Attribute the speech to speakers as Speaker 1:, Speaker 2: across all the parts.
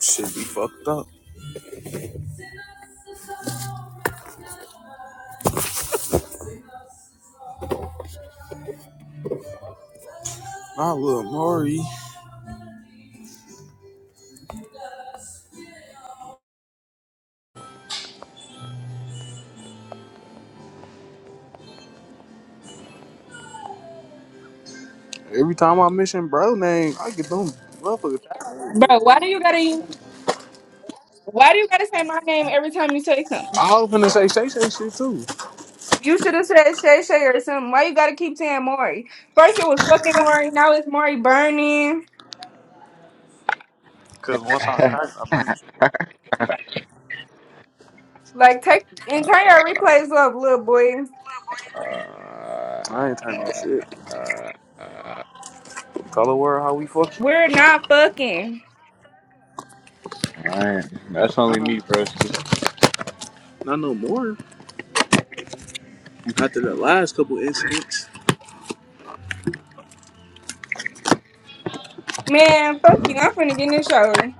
Speaker 1: Should be fucked up. My little Maury. Every time I mention bro name, I get them motherfuckers.
Speaker 2: Bro, why do you gotta why do you gotta say my name every time you say something?
Speaker 1: I was finna say Shay Shay shit too.
Speaker 2: You should have said Shay Shay or something. Why you gotta keep saying Maury? First it was fucking Maury, now it's Maury burning.
Speaker 1: Cause once I
Speaker 3: uh,
Speaker 1: crack, I burn.
Speaker 3: uh,
Speaker 2: Like take and
Speaker 3: uh,
Speaker 2: turn your replays up, little boy.
Speaker 1: I ain't turn no shit.
Speaker 3: uh,
Speaker 1: Tell the world how we fucking.
Speaker 2: We're not fucking.
Speaker 3: Alright, that's only me, broski.
Speaker 1: Not no more. After the last couple incidents.
Speaker 2: Man, fuck you. I'm finna get in the shower.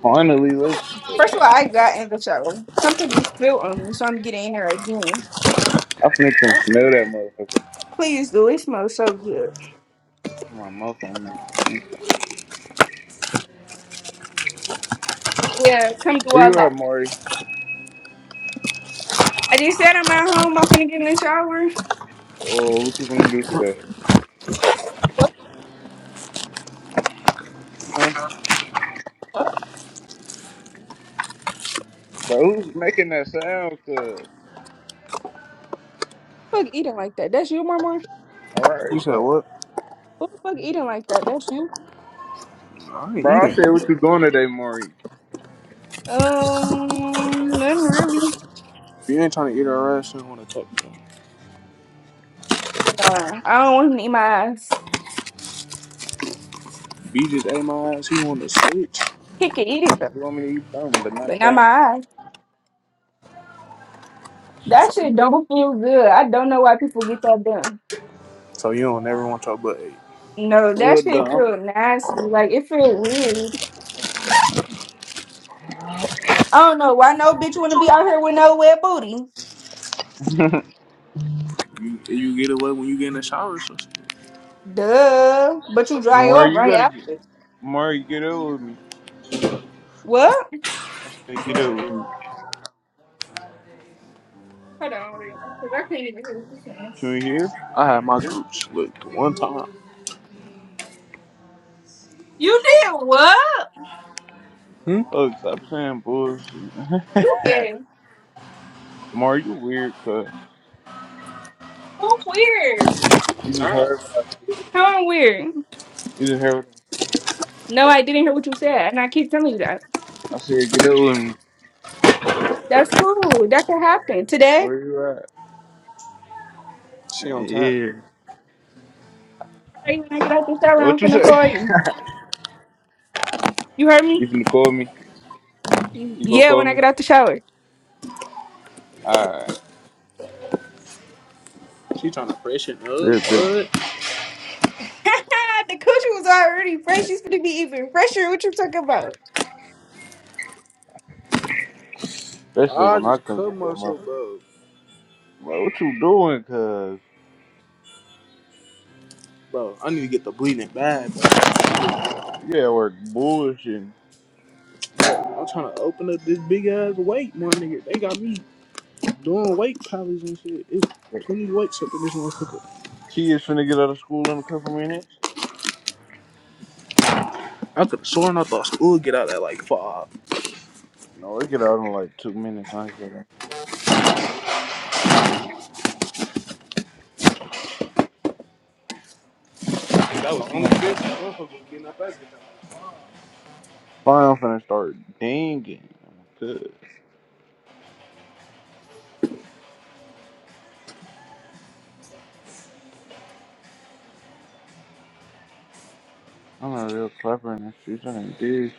Speaker 3: Finally, let's go.
Speaker 2: First of all, I got in the shower. Something just spilled on me, so I'm getting in here again.
Speaker 3: I'm finna come smell that motherfucker.
Speaker 2: Please do. It smells so good.
Speaker 3: Come on, mouth on that.
Speaker 2: Yeah, come do
Speaker 3: Where
Speaker 2: all
Speaker 3: you
Speaker 2: that.
Speaker 3: at, Maury?
Speaker 2: I just said I'm at home. I'm finna get in the shower.
Speaker 3: Oh, what you gonna do today?
Speaker 2: What
Speaker 3: Huh? Bro, who's making that sound? Cause
Speaker 2: the fuck eating like that? That's you, Mama?
Speaker 3: alright,
Speaker 1: You said
Speaker 3: bro.
Speaker 1: what?
Speaker 2: Who the fuck eating like that? That's you.
Speaker 1: I ain't
Speaker 3: Bro, I
Speaker 1: eating.
Speaker 3: said, what you doing today, Maury?
Speaker 2: Um, nothing really.
Speaker 1: If you ain't trying to eat her ass, you don't want to talk to him.
Speaker 2: No, I don't want him to eat my eyes.
Speaker 1: If just ate my ass, He want to switch.
Speaker 2: He can eat it though,
Speaker 3: You want me to eat something, but not
Speaker 2: but not
Speaker 3: that.
Speaker 2: my eyes. That shit don't feel good. I don't know why people get that done.
Speaker 1: So you don't ever want your butt ate.
Speaker 2: No, that
Speaker 3: What
Speaker 2: shit
Speaker 3: dumb?
Speaker 2: feel nasty. Like it feel weird. I don't know why no bitch want to be out here with no wet booty.
Speaker 1: You, you get away when you get in the shower or some shit.
Speaker 2: Duh. But you dry
Speaker 3: Maury,
Speaker 2: off
Speaker 3: you
Speaker 2: right
Speaker 3: gotta get.
Speaker 2: after.
Speaker 3: Maury, get up with me.
Speaker 2: What?
Speaker 3: I said, get up with me.
Speaker 2: Hold on, because I can't even hear what you're saying.
Speaker 3: Can you hear?
Speaker 1: I had my groups. Look, the one time.
Speaker 2: You did what?
Speaker 1: Hmm?
Speaker 3: Look, stop saying bullshit.
Speaker 2: You gay.
Speaker 3: Mar, you weird, cuz.
Speaker 2: Who weird?
Speaker 3: You just heard what I said.
Speaker 2: How I'm weird?
Speaker 3: You just heard what
Speaker 2: No, I didn't hear what you said, and I keep telling you that.
Speaker 3: I said. Get up with me.
Speaker 2: That's cool. That can happen today.
Speaker 3: Where
Speaker 2: All
Speaker 3: you
Speaker 1: She
Speaker 3: at?
Speaker 1: on cat.
Speaker 3: Yeah.
Speaker 2: right, when I get out the shower, I'm
Speaker 3: What you
Speaker 2: finna
Speaker 3: say?
Speaker 2: call you. You heard me?
Speaker 3: You finna call me? You gonna
Speaker 2: Yeah,
Speaker 3: call
Speaker 2: when I get
Speaker 3: me?
Speaker 2: out the shower.
Speaker 3: Alright.
Speaker 1: She trying to freshen up,
Speaker 3: Bet, bet, bet.
Speaker 1: but
Speaker 2: the coochie was already fresh. She's gonna be even fresher. What you talking about?
Speaker 3: Especially
Speaker 1: I
Speaker 3: when I
Speaker 1: just
Speaker 3: come to
Speaker 1: cut
Speaker 3: that
Speaker 1: myself,
Speaker 3: motherfucker.
Speaker 1: bro.
Speaker 3: Bro, what you doing, cuz?
Speaker 1: Bro, I need to get the bleeding bad, bro.
Speaker 3: You at work bullshitting.
Speaker 1: I'm trying to open up this big ass weight, my nigga. They got me doing weight pilots and shit. It's
Speaker 3: The
Speaker 1: plenty of weights up in this motherfucker.
Speaker 3: kids finna get out of school in a couple minutes?
Speaker 1: I could have sworn I thought school would get out at like five.
Speaker 3: No, they get out in like two minutes. I ain't gonna.
Speaker 1: That was only good. That motherfucker was getting up at
Speaker 3: Fine, I'm finna start dinging. Cuz. I'm a real clever and a she's an dude.